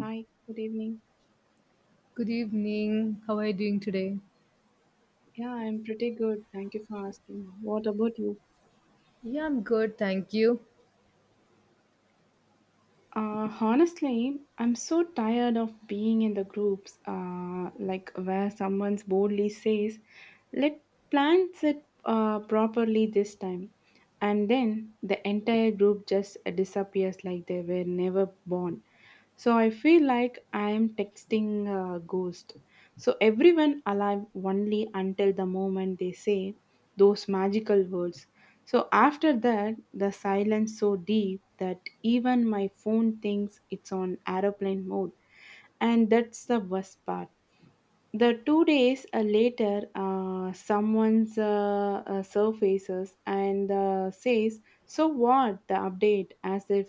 Hi, good evening. Good evening. How are you doing today? Yeah, I'm pretty good. Thank you for asking. What about you? Yeah, I'm good, thank you. Honestly, I'm so tired of being in the groups, like where someone boldly says, let plans it properly this time. And then the entire group just disappears like they were never born. So I feel like I am texting a ghost. So everyone alive only until the moment they say those magical words. So after that, the silence so deep that even my phone thinks it's on aeroplane mode, and that's the worst part. The 2 days later, someone's surfaces and says, "So what?" The update, as if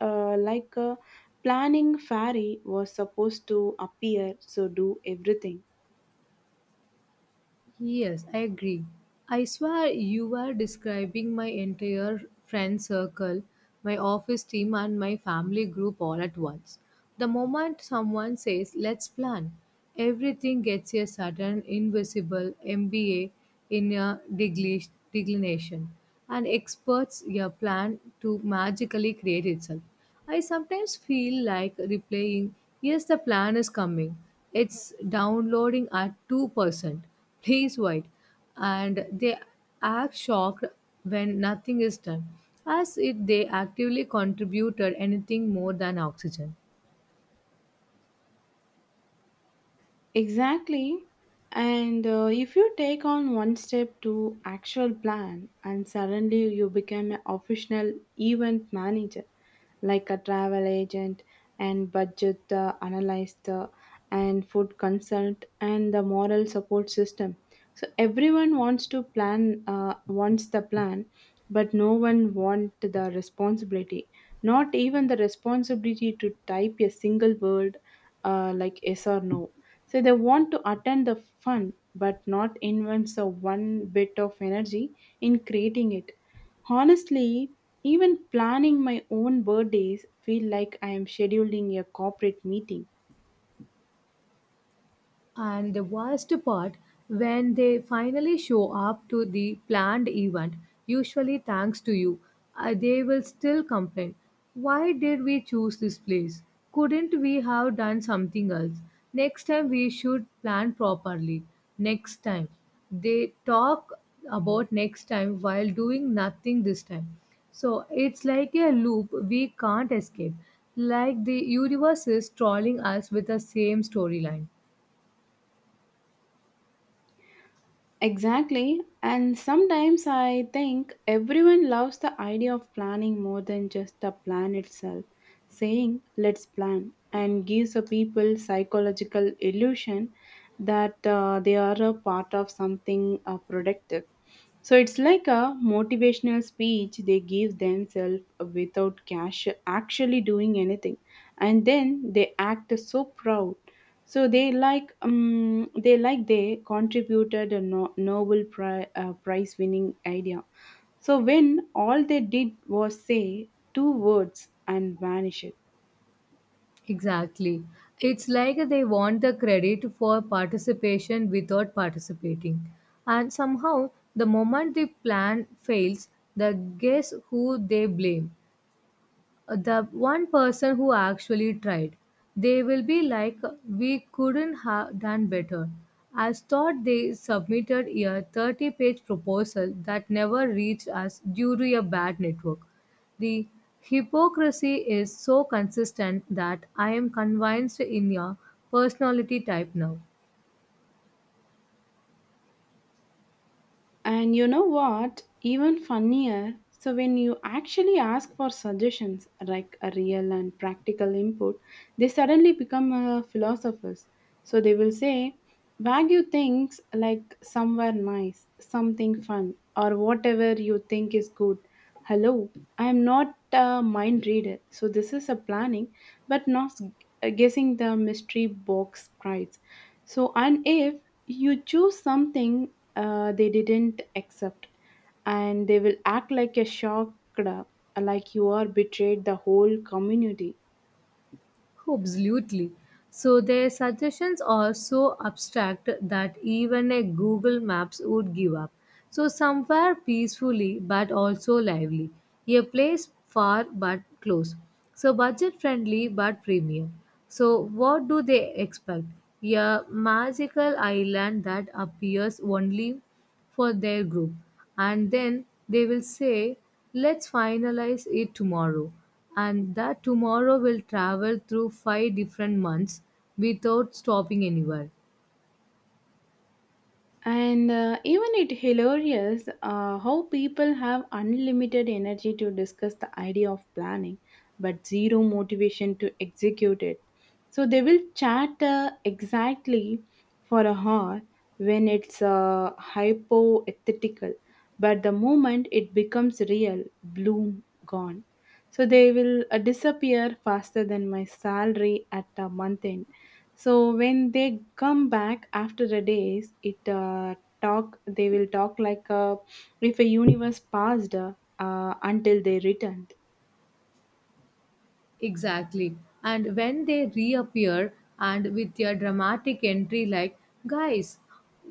like a planning fairy was supposed to appear, so do everything. Yes, I agree. I swear you are describing my entire friend circle, my office team, and my family group all at once. The moment someone says, let's plan, everything gets a sudden invisible MBA in a declination. And experts your plan to magically create itself. I sometimes feel like replaying, yes, the plan is coming. It's downloading at 2%. Please wait. And they act shocked when nothing is done, as if they actively contributed anything more than oxygen. Exactly. And if you take on one step to actual plan and suddenly you become an official event manager, like a travel agent and budget analyst and food consult and the moral support system. So everyone wants to plan, wants the plan, but no one wants the responsibility not even the responsibility to type a single word like yes or no. So they want to attend the fun but not invest a one bit of energy in creating it. Honestly, even planning my own birthdays feel like I am scheduling a corporate meeting. And the worst part, when they finally show up to the planned event, usually thanks to you, they will still complain. Why did we choose this place? Couldn't we have done something else? Next time we should plan properly. Next time. They talk about next time while doing nothing this time. So it's like a loop we can't escape. Like the universe is trolling us with the same storyline. Exactly. And sometimes I think everyone loves the idea of planning more than just the plan itself. Saying, let's plan, and gives the people psychological illusion that they are a part of something productive. So it's like a motivational speech they give themselves without cash actually doing anything. And then they act so proud. So they like they like they contributed a Nobel Prize winning idea. So when all they did was say two words and vanish it. Exactly. It's like they want the credit for participation without participating. And somehow, the moment the plan fails, the guess who they blame the one person who actually tried. They will be like, we couldn't have done better. As thought they submitted a 30-page proposal that never reached us due to a bad network. The hypocrisy is so consistent that I am convinced in your personality type now. And you know what? Even funnier. So, when you actually ask for suggestions, like a real and practical input, they suddenly become philosophers. So, they will say, Wagyu things like somewhere nice, something fun, or whatever you think is good. Hello, I am not a mind reader, so this is a planning, but not s- guessing the mystery box prize. So, and if you choose something they didn't accept, and they will act like a shocked, like you are betrayed the whole community. Absolutely. So their suggestions are so abstract that even a Google Maps would give up. So somewhere peacefully but also lively. A place far but close. So budget friendly but premium. So what do they expect? A magical island that appears only for their group, and then they will say, let's finalize it tomorrow, and that tomorrow will travel through five different months without stopping anywhere. And even it hilarious how people have unlimited energy to discuss the idea of planning, but zero motivation to execute it. So they will chat exactly for a hour when it's hypothetical, but the moment it becomes real, bloom gone. So they will disappear faster than my salary at a month end. So when they come back after a days it talk they will talk like if a universe passed until they returned. Exactly. And when they reappear and with their dramatic entry, like, guys,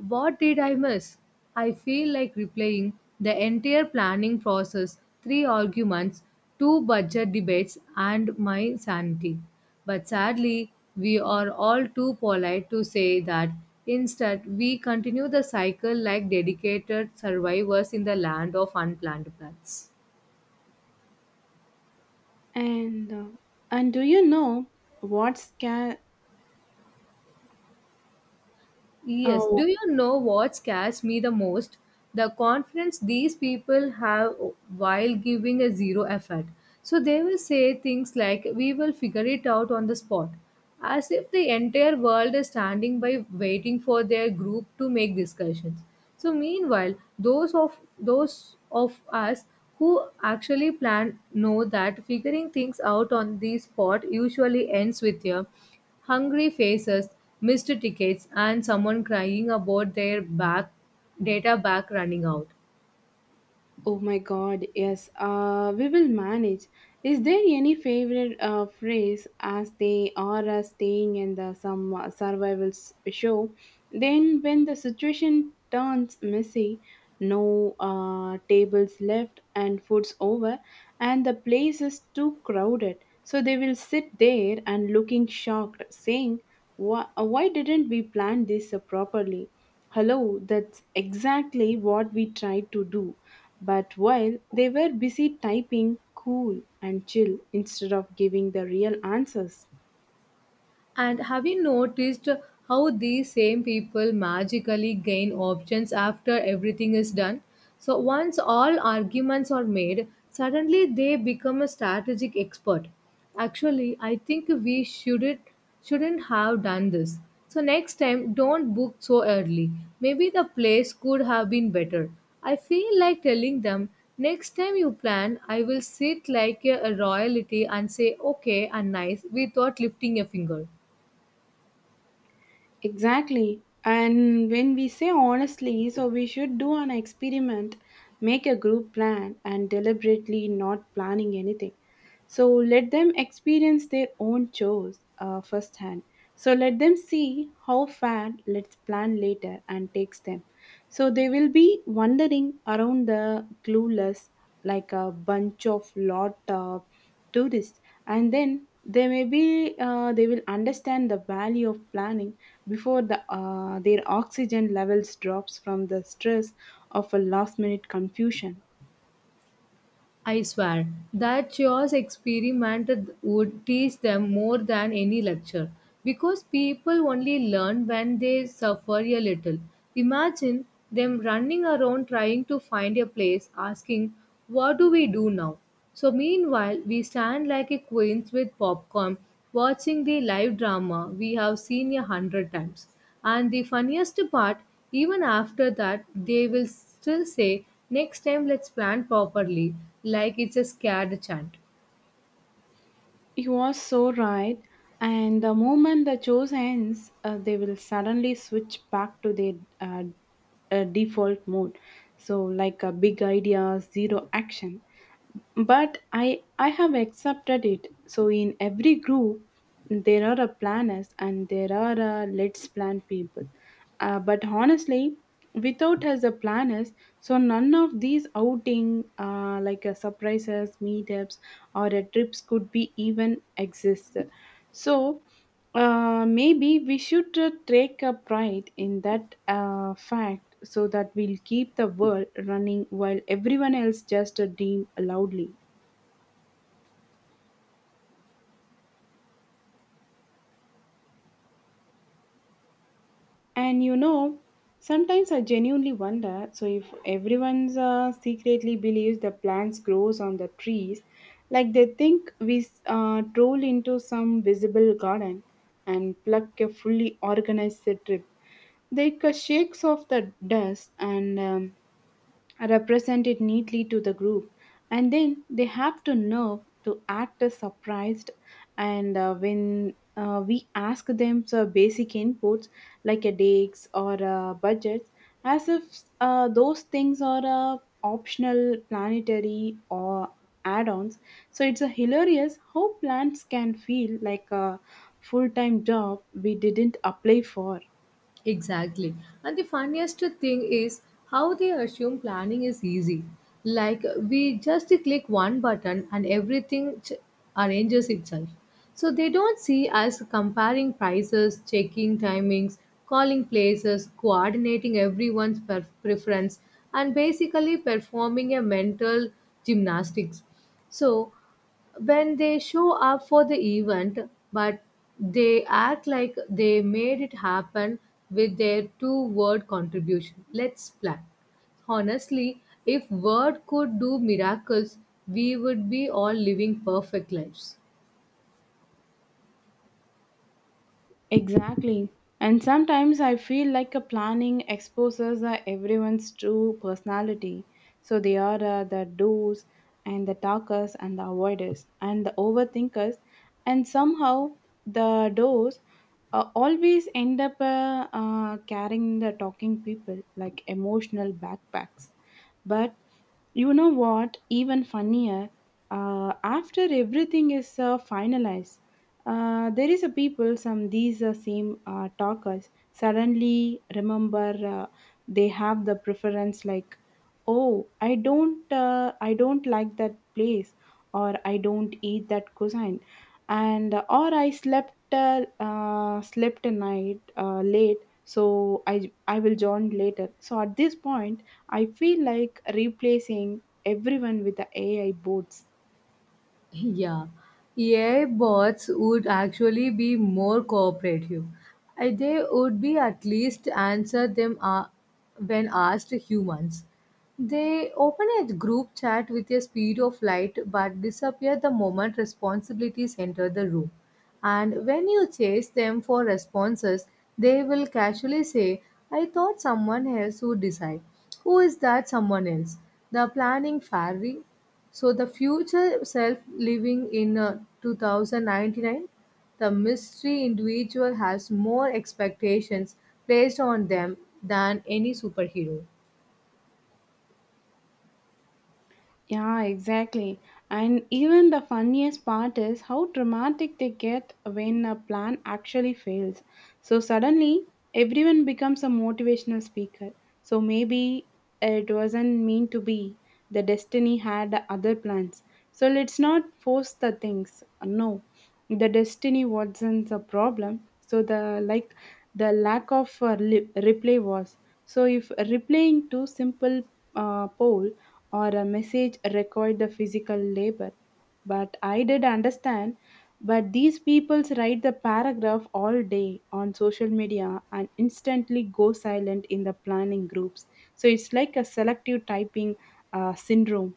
what did I miss? I feel like replaying the entire planning process, three arguments, two budget debates, and my sanity. But sadly, we are all too polite to say that. Instead, we continue the cycle like dedicated survivors in the land of unplanned plans. And uh, and do you know what sca- Yes. uh, Do you know what scares me the most? The confidence these people have while giving a zero effort. So they will say things like, we will figure it out on the spot, as if the entire world is standing by waiting for their group to make discussions. So meanwhile, those of us who actually plan know that figuring things out on the spot usually ends with a hungry faces, missed tickets, and someone crying about their back data back running out. Oh my God, yes, we will manage. Is there any favorite phrase as they are staying in the some survival show? Then, when the situation turns messy, no tables left and food's over, and the place is too crowded, so they will sit there and looking shocked, saying, why didn't we plan this properly?" Hello, that's exactly what we tried to do. But while they were busy typing cool and chill instead of giving the real answers. And have you noticed how these same people magically gain options after everything is done? So, once all arguments are made, suddenly they become a strategic expert. Actually, I think we shouldn't have done this. So, next time, don't book so early. Maybe the place could have been better. I feel like telling them, next time you plan, I will sit like a royalty and say okay and nice without lifting a finger. Exactly. And when we say honestly, so we should do an experiment, make a group plan, and deliberately not planning anything. So let them experience their own chores firsthand. So let them see how far let's plan later and takes them. So they will be wandering around the clueless like a bunch of lot. Tourists. And then they may be they will understand the value of planning before their oxygen levels drops from the stress of a last minute confusion. I swear that chores experiment would teach them more than any lecture because people only learn when they suffer a little. Imagine them running around trying to find a place asking, what do we do now? So, meanwhile, we stand like a queens with popcorn watching the live drama we have seen a hundred times. And the funniest part, even after that, they will still say, next time let's plan properly, like it's a scared chant. You are so right, and the moment the chores ends they will suddenly switch back to their uh, default mode. So like a big idea zero action, but I have accepted it. So in every group there are a planners and there are a let's plan people. But honestly, without as a planners, so none of these outing like a surprises meetups or a trips could be even exist. So maybe we should take a pride in that fact, so that we'll keep the world running while everyone else just dream loudly. And you know, sometimes I genuinely wonder so if everyone's secretly believes the plants grows on the trees, like they think we troll into some visible garden and pluck a fully organized trip. Shakes off the dust and Represent it neatly to the group, and then they have to know to act as surprised, and when we ask them some basic inputs like a dates or a budget, as if those things are optional planetary or add-ons. So it's a hilarious how plants can feel like a full-time job we didn't apply for. Exactly. And the funniest thing is how they assume planning is easy. Like we just click one button and everything arranges itself. So they don't see us comparing prices, checking timings, calling places, coordinating everyone's preference, and basically performing a mental gymnastics. So when they show up for the event, but they act like they made it happen with their two word contribution, let's plan. Honestly, if word could do miracles, we would be all living perfect lives. Exactly. And sometimes I feel like a planning exposes everyone's true personality. So they are the doers and the talkers and the avoiders and the overthinkers, and somehow the doers always end up carrying the talking people like emotional backpacks. But you know what even funnier, after everything is finalized, there is a people some these same talkers suddenly remember they have the preference like oh I don't like that place, or I don't eat that cuisine, and or I slept slept a night late, so i I will join later. So at this point I feel like replacing everyone with the AI bots. Yeah, AI bots would actually be more cooperative. They would be at least answer them when asked humans. They open a group chat with a speed of light but disappear the moment responsibilities enter the room. And when you chase them for responses, they will casually say, I thought someone else would decide. Who is that someone else? The planning fairy. So the future self living in 2099, the mystery individual has more expectations placed on them than any superhero. Yeah, exactly. And even the funniest part is how dramatic they get when a plan actually fails. So suddenly, everyone becomes a motivational speaker. So maybe it wasn't meant to be. The destiny had other plans. So let's not force the things. No, the destiny wasn't a problem. So the like the lack of replay was. So if replaying to simple poll or a message required the physical labor, but I did understand. But these people write the paragraph all day on social media and instantly go silent in the planning groups. So it's like a selective typing syndrome.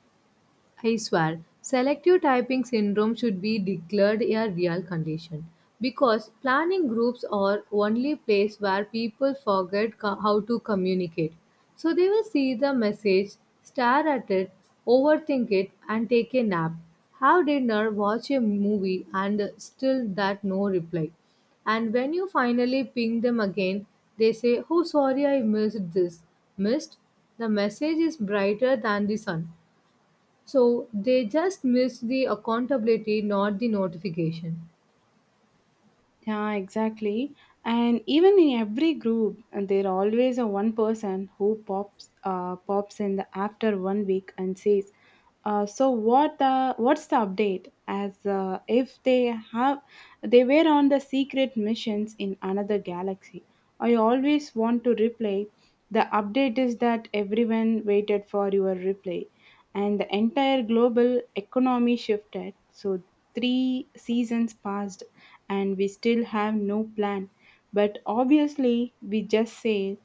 I swear, selective typing syndrome should be declared a real condition because planning groups are only place where people forget how to communicate. So they will see the message, stare at it, overthink it, and take a nap. Have dinner, watch a movie, and still that no reply. And when you finally ping them again, they say, oh, sorry, I missed this. Missed? The message is brighter than the sun. So they just missed the accountability, not the notification. Yeah, exactly. And even in every group, and there always a one person who pops in the after 1 week and says, "So what's the update?" As if they have they were on the secret missions in another galaxy. I always want to reply. The update is that everyone waited for your reply, and the entire global economy shifted. So, three seasons passed, and we still have no plan. But obviously, we just say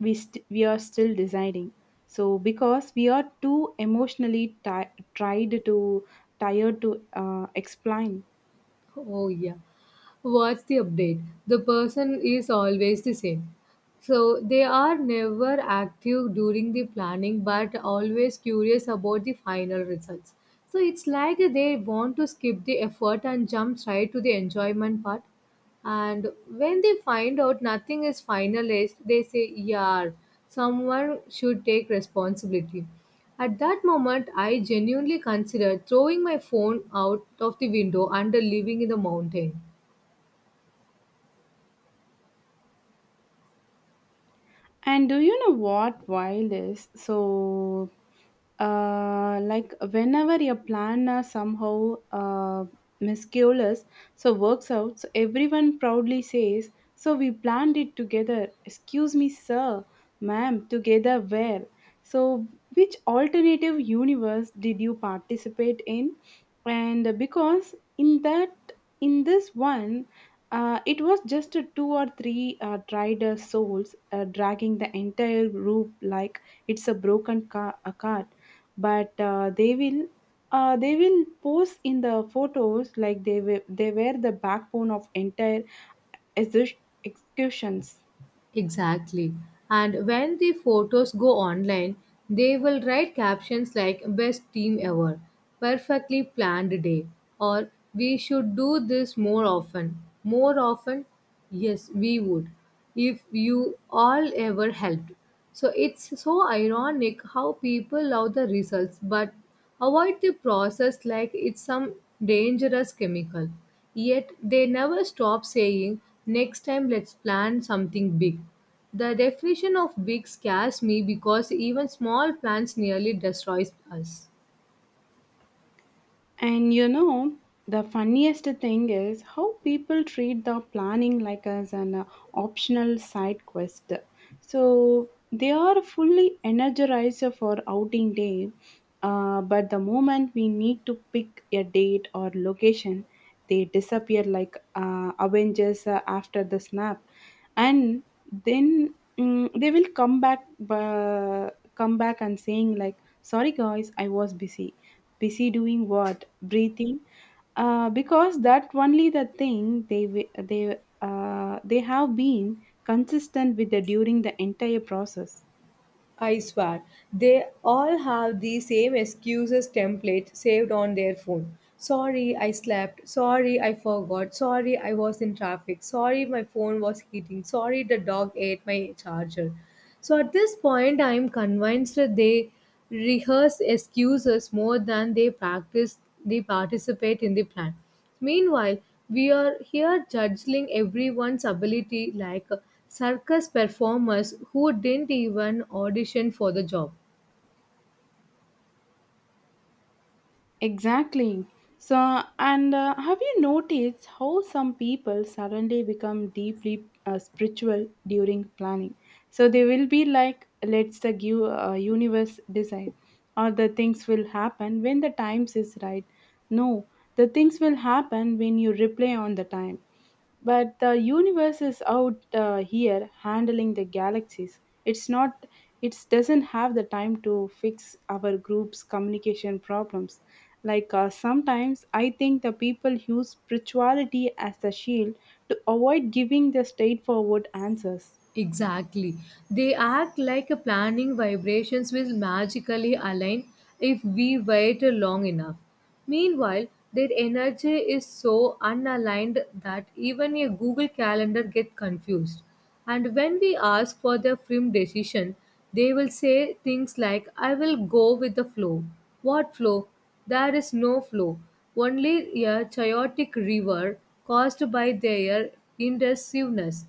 we are still deciding. So, because we are too emotionally ti tried to tired to explain. Oh, yeah. What's the update? The person is always the same. So they are never active during the planning but always curious about the final results. So it's like they want to skip the effort and jump right to the enjoyment part. And when they find out nothing is finalized, they say, yeah, someone should take responsibility. At that moment, I genuinely considered throwing my phone out of the window and living in the mountain. And do you know what wild is? So, like whenever your plan somehow miscues, so works out, so everyone proudly says, "So we planned it together." Excuse me, sir, ma'am, together where? So, which alternative universe did you participate in? And because in that, in this one. It was just a two or three tried souls dragging the entire group like it's a broken car- a cart. But uh, they will they will pose in the photos like they were the backbone of entire exu- executions. Exactly. And when the photos go online, they will write captions like best team ever, perfectly planned day, or we should do this more often. More often? Yes, we would. If you all ever helped. So it's so ironic how people love the results but avoid the process like it's some dangerous chemical. Yet they never stop saying, next time let's plan something big. The definition of big scares me because even small plans nearly destroys us. And you know, the funniest thing is how people treat the planning like as an optional side quest. So they are fully energized for outing day, but the moment we need to pick a date or location, they disappear like avengers after the snap, and then they will uh, come back and saying like sorry guys I was busy doing what, breathing, because that only the thing they wi- they have been consistent with the during the entire process. I swear, they all have the same excuses template saved on their phone. Sorry, I slept. Sorry, I forgot. Sorry, I was in traffic. Sorry, my phone was heating. Sorry, the dog ate my charger. So at this point, I'm convinced that they rehearse excuses more than they practice, they participate in the plan. Meanwhile, we are here judging everyone's ability like circus performers who didn't even audition for the job. Exactly. So, and have you noticed how some people suddenly become deeply spiritual during planning? So they will be like, "Let's the universe decide," or the things will happen when the times is right. No, the things will happen when you reply on the time. But the universe is out here handling the galaxies. It's not it doesn't have the time to fix our group's communication problems. Like sometimes I think the people use spirituality as a shield to avoid giving the straightforward answers. Exactly. They act like a planning vibrations will magically align if we wait long enough. Meanwhile, their energy is so unaligned that even a Google Calendar get confused. And when we ask for their firm decision, they will say things like, I will go with the flow. What flow? There is no flow, only a chaotic river caused by their indecisiveness.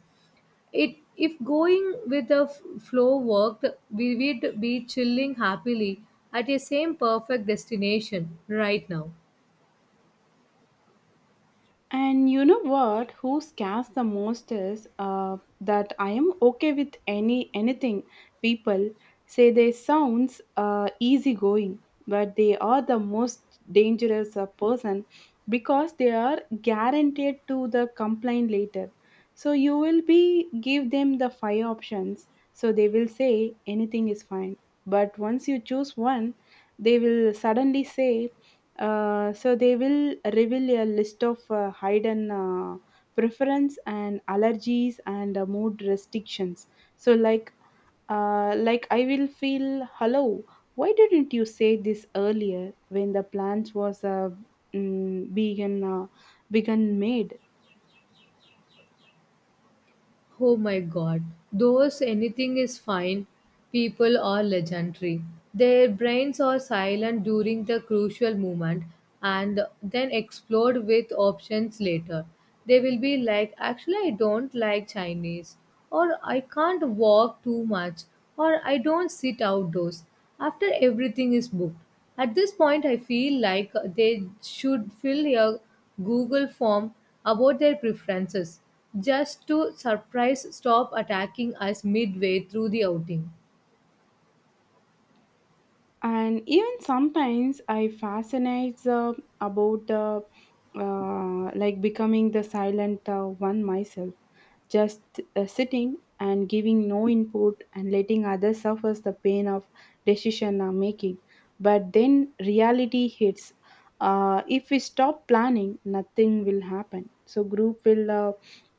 It if going with the flow worked, we would be chilling happily at a same perfect destination right now. And you know what? Who scares the most is that I am okay with anything. People say they sounds easygoing, but they are the most dangerous person because they are guaranteed to the complaint later. So you will be give them the five options. So they will say anything is fine. But once you choose one, they will suddenly say so they will reveal a list of hidden preference and allergies and mood restrictions. So like I will feel hello. Why didn't you say this earlier when the plans was being begun made? Oh my god, those anything is fine people are legendary. Their brains are silent during the crucial moment and then explode with options later. They will be like, actually, I don't like Chinese, or I can't walk too much, or I don't sit outdoors after everything is booked. At this point, I feel like they should fill a Google form about their preferences just to surprise stop attacking us midway through the outing. And even sometimes I fascinates about like becoming the silent one myself, just sitting and giving no input and letting others suffer the pain of decision making, but then reality hits. If we stop planning nothing will happen, so group will uh,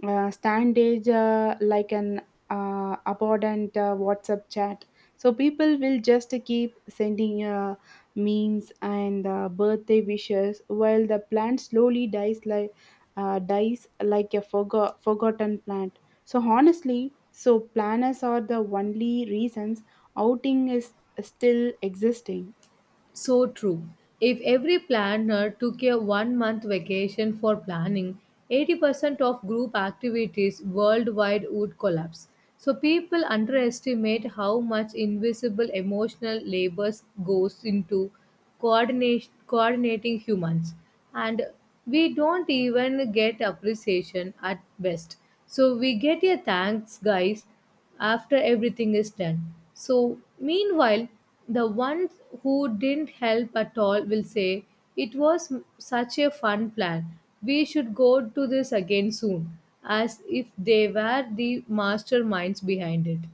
uh, stand age like an abundant whatsapp chat, so people will just keep sending memes and birthday wishes while the plant slowly dies like a forgotten plant. So honestly, so planners are the only reasons outing is still existing. So true. If every planner took a 1 month vacation for planning, 80% of group activities worldwide would collapse. So people underestimate how much invisible emotional labor goes into coordination, coordinating humans. And we don't even get appreciation at best. So we get a thanks, guys, after everything is done. So, meanwhile, the ones who didn't help at all will say, it was such a fun plan. We should go to this again soon, as if they were the masterminds behind it.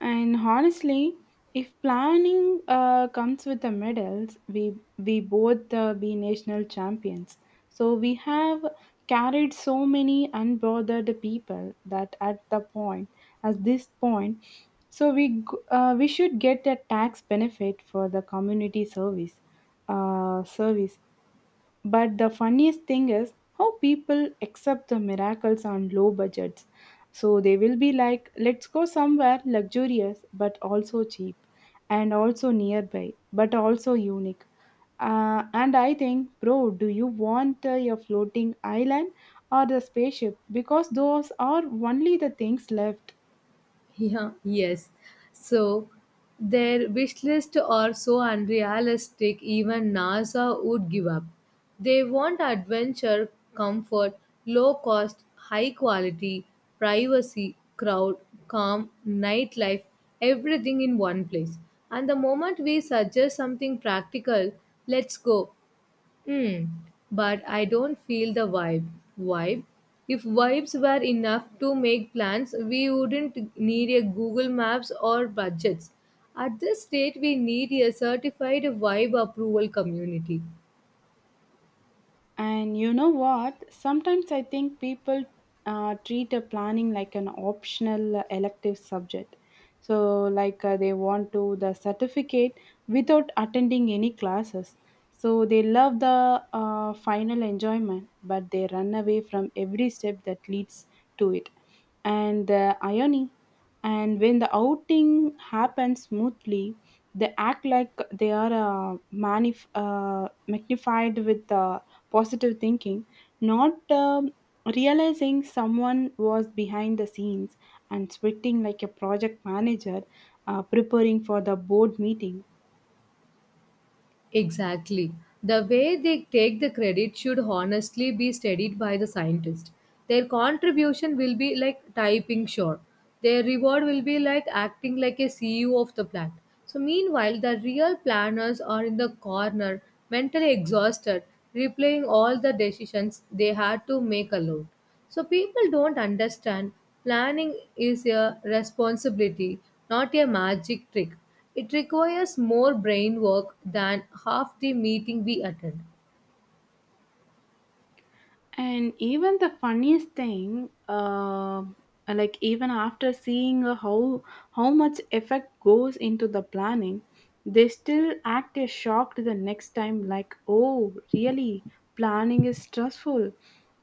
And honestly, if planning comes with the medals, we both be national champions. So we have carried so many unbothered people that at this point, so we should get a tax benefit for the community service, uh, service but the funniest thing is how people accept the miracles on low budgets. So they will be like, let's go somewhere luxurious but also cheap, and also nearby but also unique. And I think, bro, do you want your floating island or the spaceship? Because those are only the things left. Yeah, yes. So their wish list are so unrealistic even NASA would give up. They want adventure, comfort, low cost, high quality, privacy, crowd, calm, nightlife, everything in one place. And the moment we suggest something practical, let's go. Hmm. But I don't feel the vibe. Vibe? If vibes were enough to make plans, we wouldn't need a Google Maps or budgets. At this state, we need a certified vibe approval community. And you know what? Sometimes I think people treat a planning like an optional elective subject. So, like they want to the certificate without attending any classes. So they love the final enjoyment, but they run away from every step that leads to it. And the irony, and when the outing happens smoothly, they act like they are magnified with the positive thinking, not realizing someone was behind the scenes and sweating like a project manager preparing for the board meeting. Exactly. The way they take the credit should honestly be studied by the scientist. Their contribution will be like typing sure. Their reward will be like acting like a CEO of the plant. So meanwhile, the real planners are in the corner, mentally exhausted, replaying all the decisions they had to make alone. So people don't understand planning is a responsibility, not a magic trick. It requires more brain work than half the meeting we attend. And even the funniest thing, like even after seeing uh, how much effect goes into the planning, they still act as shocked the next time. Like, oh, really, planning is stressful.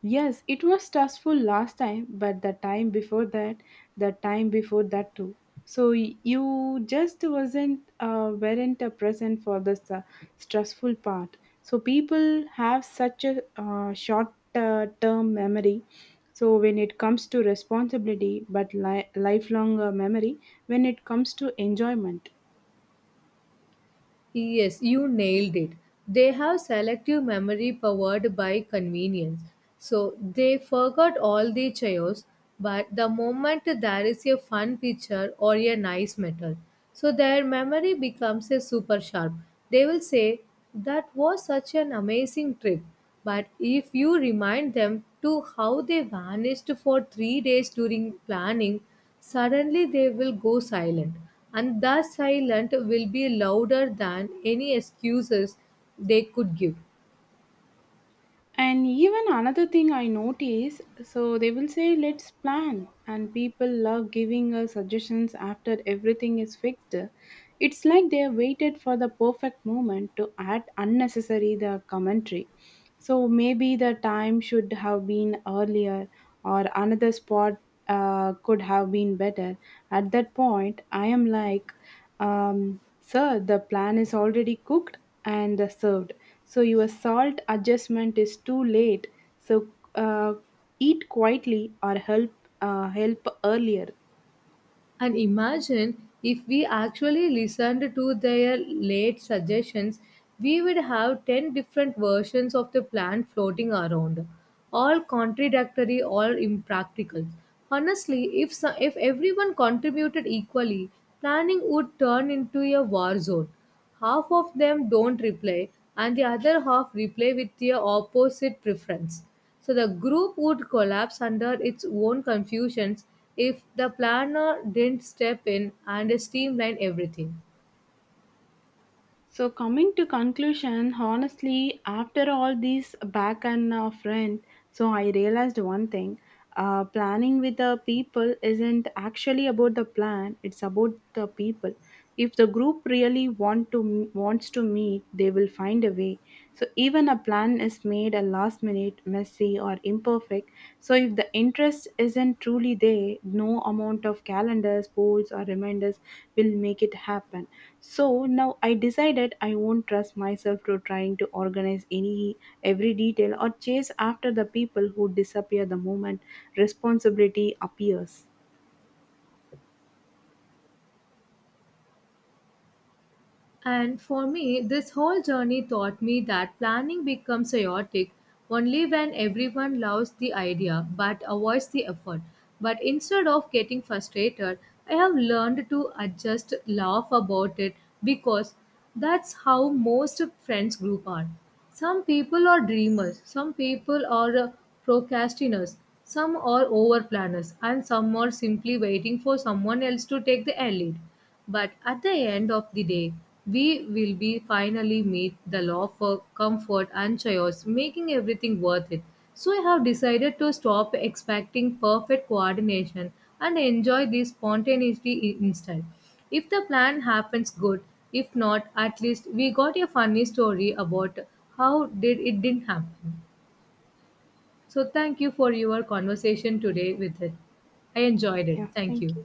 Yes, it was stressful last time, but the time before that too. So you just wasn't weren't present for the stressful part. So people have such a short term memory so when it comes to responsibility but lifelong memory when it comes to enjoyment. Yes, you nailed it. They have selective memory powered by convenience. So they forgot all the chaos, but the moment there is a fun picture or a nice metal, so their memory becomes a super sharp. They will say, that was such an amazing trip. But if you remind them to how they vanished for 3 days during planning, suddenly they will go silent, and that silence will be louder than any excuses they could give. And even another thing I notice, so they will say, let's plan. And people love giving us suggestions after everything is fixed. It's like they have waited for the perfect moment to add unnecessary the commentary. So maybe the time should have been earlier or another spot could have been better. At that point, I am like, sir, the plan is already cooked and served, so your salt adjustment is too late, so uh, eat quietly or help help earlier. And imagine if we actually listened to their late suggestions, we would have 10 different versions of the plan floating around, all contradictory, all impractical. Honestly, if, so, if everyone contributed equally, planning would turn into a war zone. Half of them don't reply, and the other half reply with their opposite preference. So the group would collapse under its own confusions if the planner didn't step in and streamline everything. So coming to conclusion, honestly, after all these back and front, so I realized one thing. Planning with the people isn't actually about the plan, it's about the people. If the group really wants to meet, they will find a way, so even a plan is made a last minute neat, messy, or imperfect. So, if the interest isn't truly there, no amount of calendars, polls, or reminders will make it happen. So, now I decided I won't trust myself to trying to organize any every detail or chase after the people who disappear the moment responsibility appears. And for me, this whole journey taught me that planning becomes chaotic only when everyone loves the idea but avoids the effort. But instead of getting frustrated, I have learned to adjust, laugh about it because that's how most friends group are. Some people are dreamers, some people are procrastinators, some are over planners, and some are simply waiting for someone else to take the lead. But at the end of the day, we will be finally meet the law for comfort and chaos, making everything worth it. So I have decided to stop expecting perfect coordination and enjoy the spontaneity instead. If the plan happens good, if not, at least we got a funny story about how did it didn't happen. So thank you for your conversation today with it. I enjoyed it. Yeah, Thank you. thank you.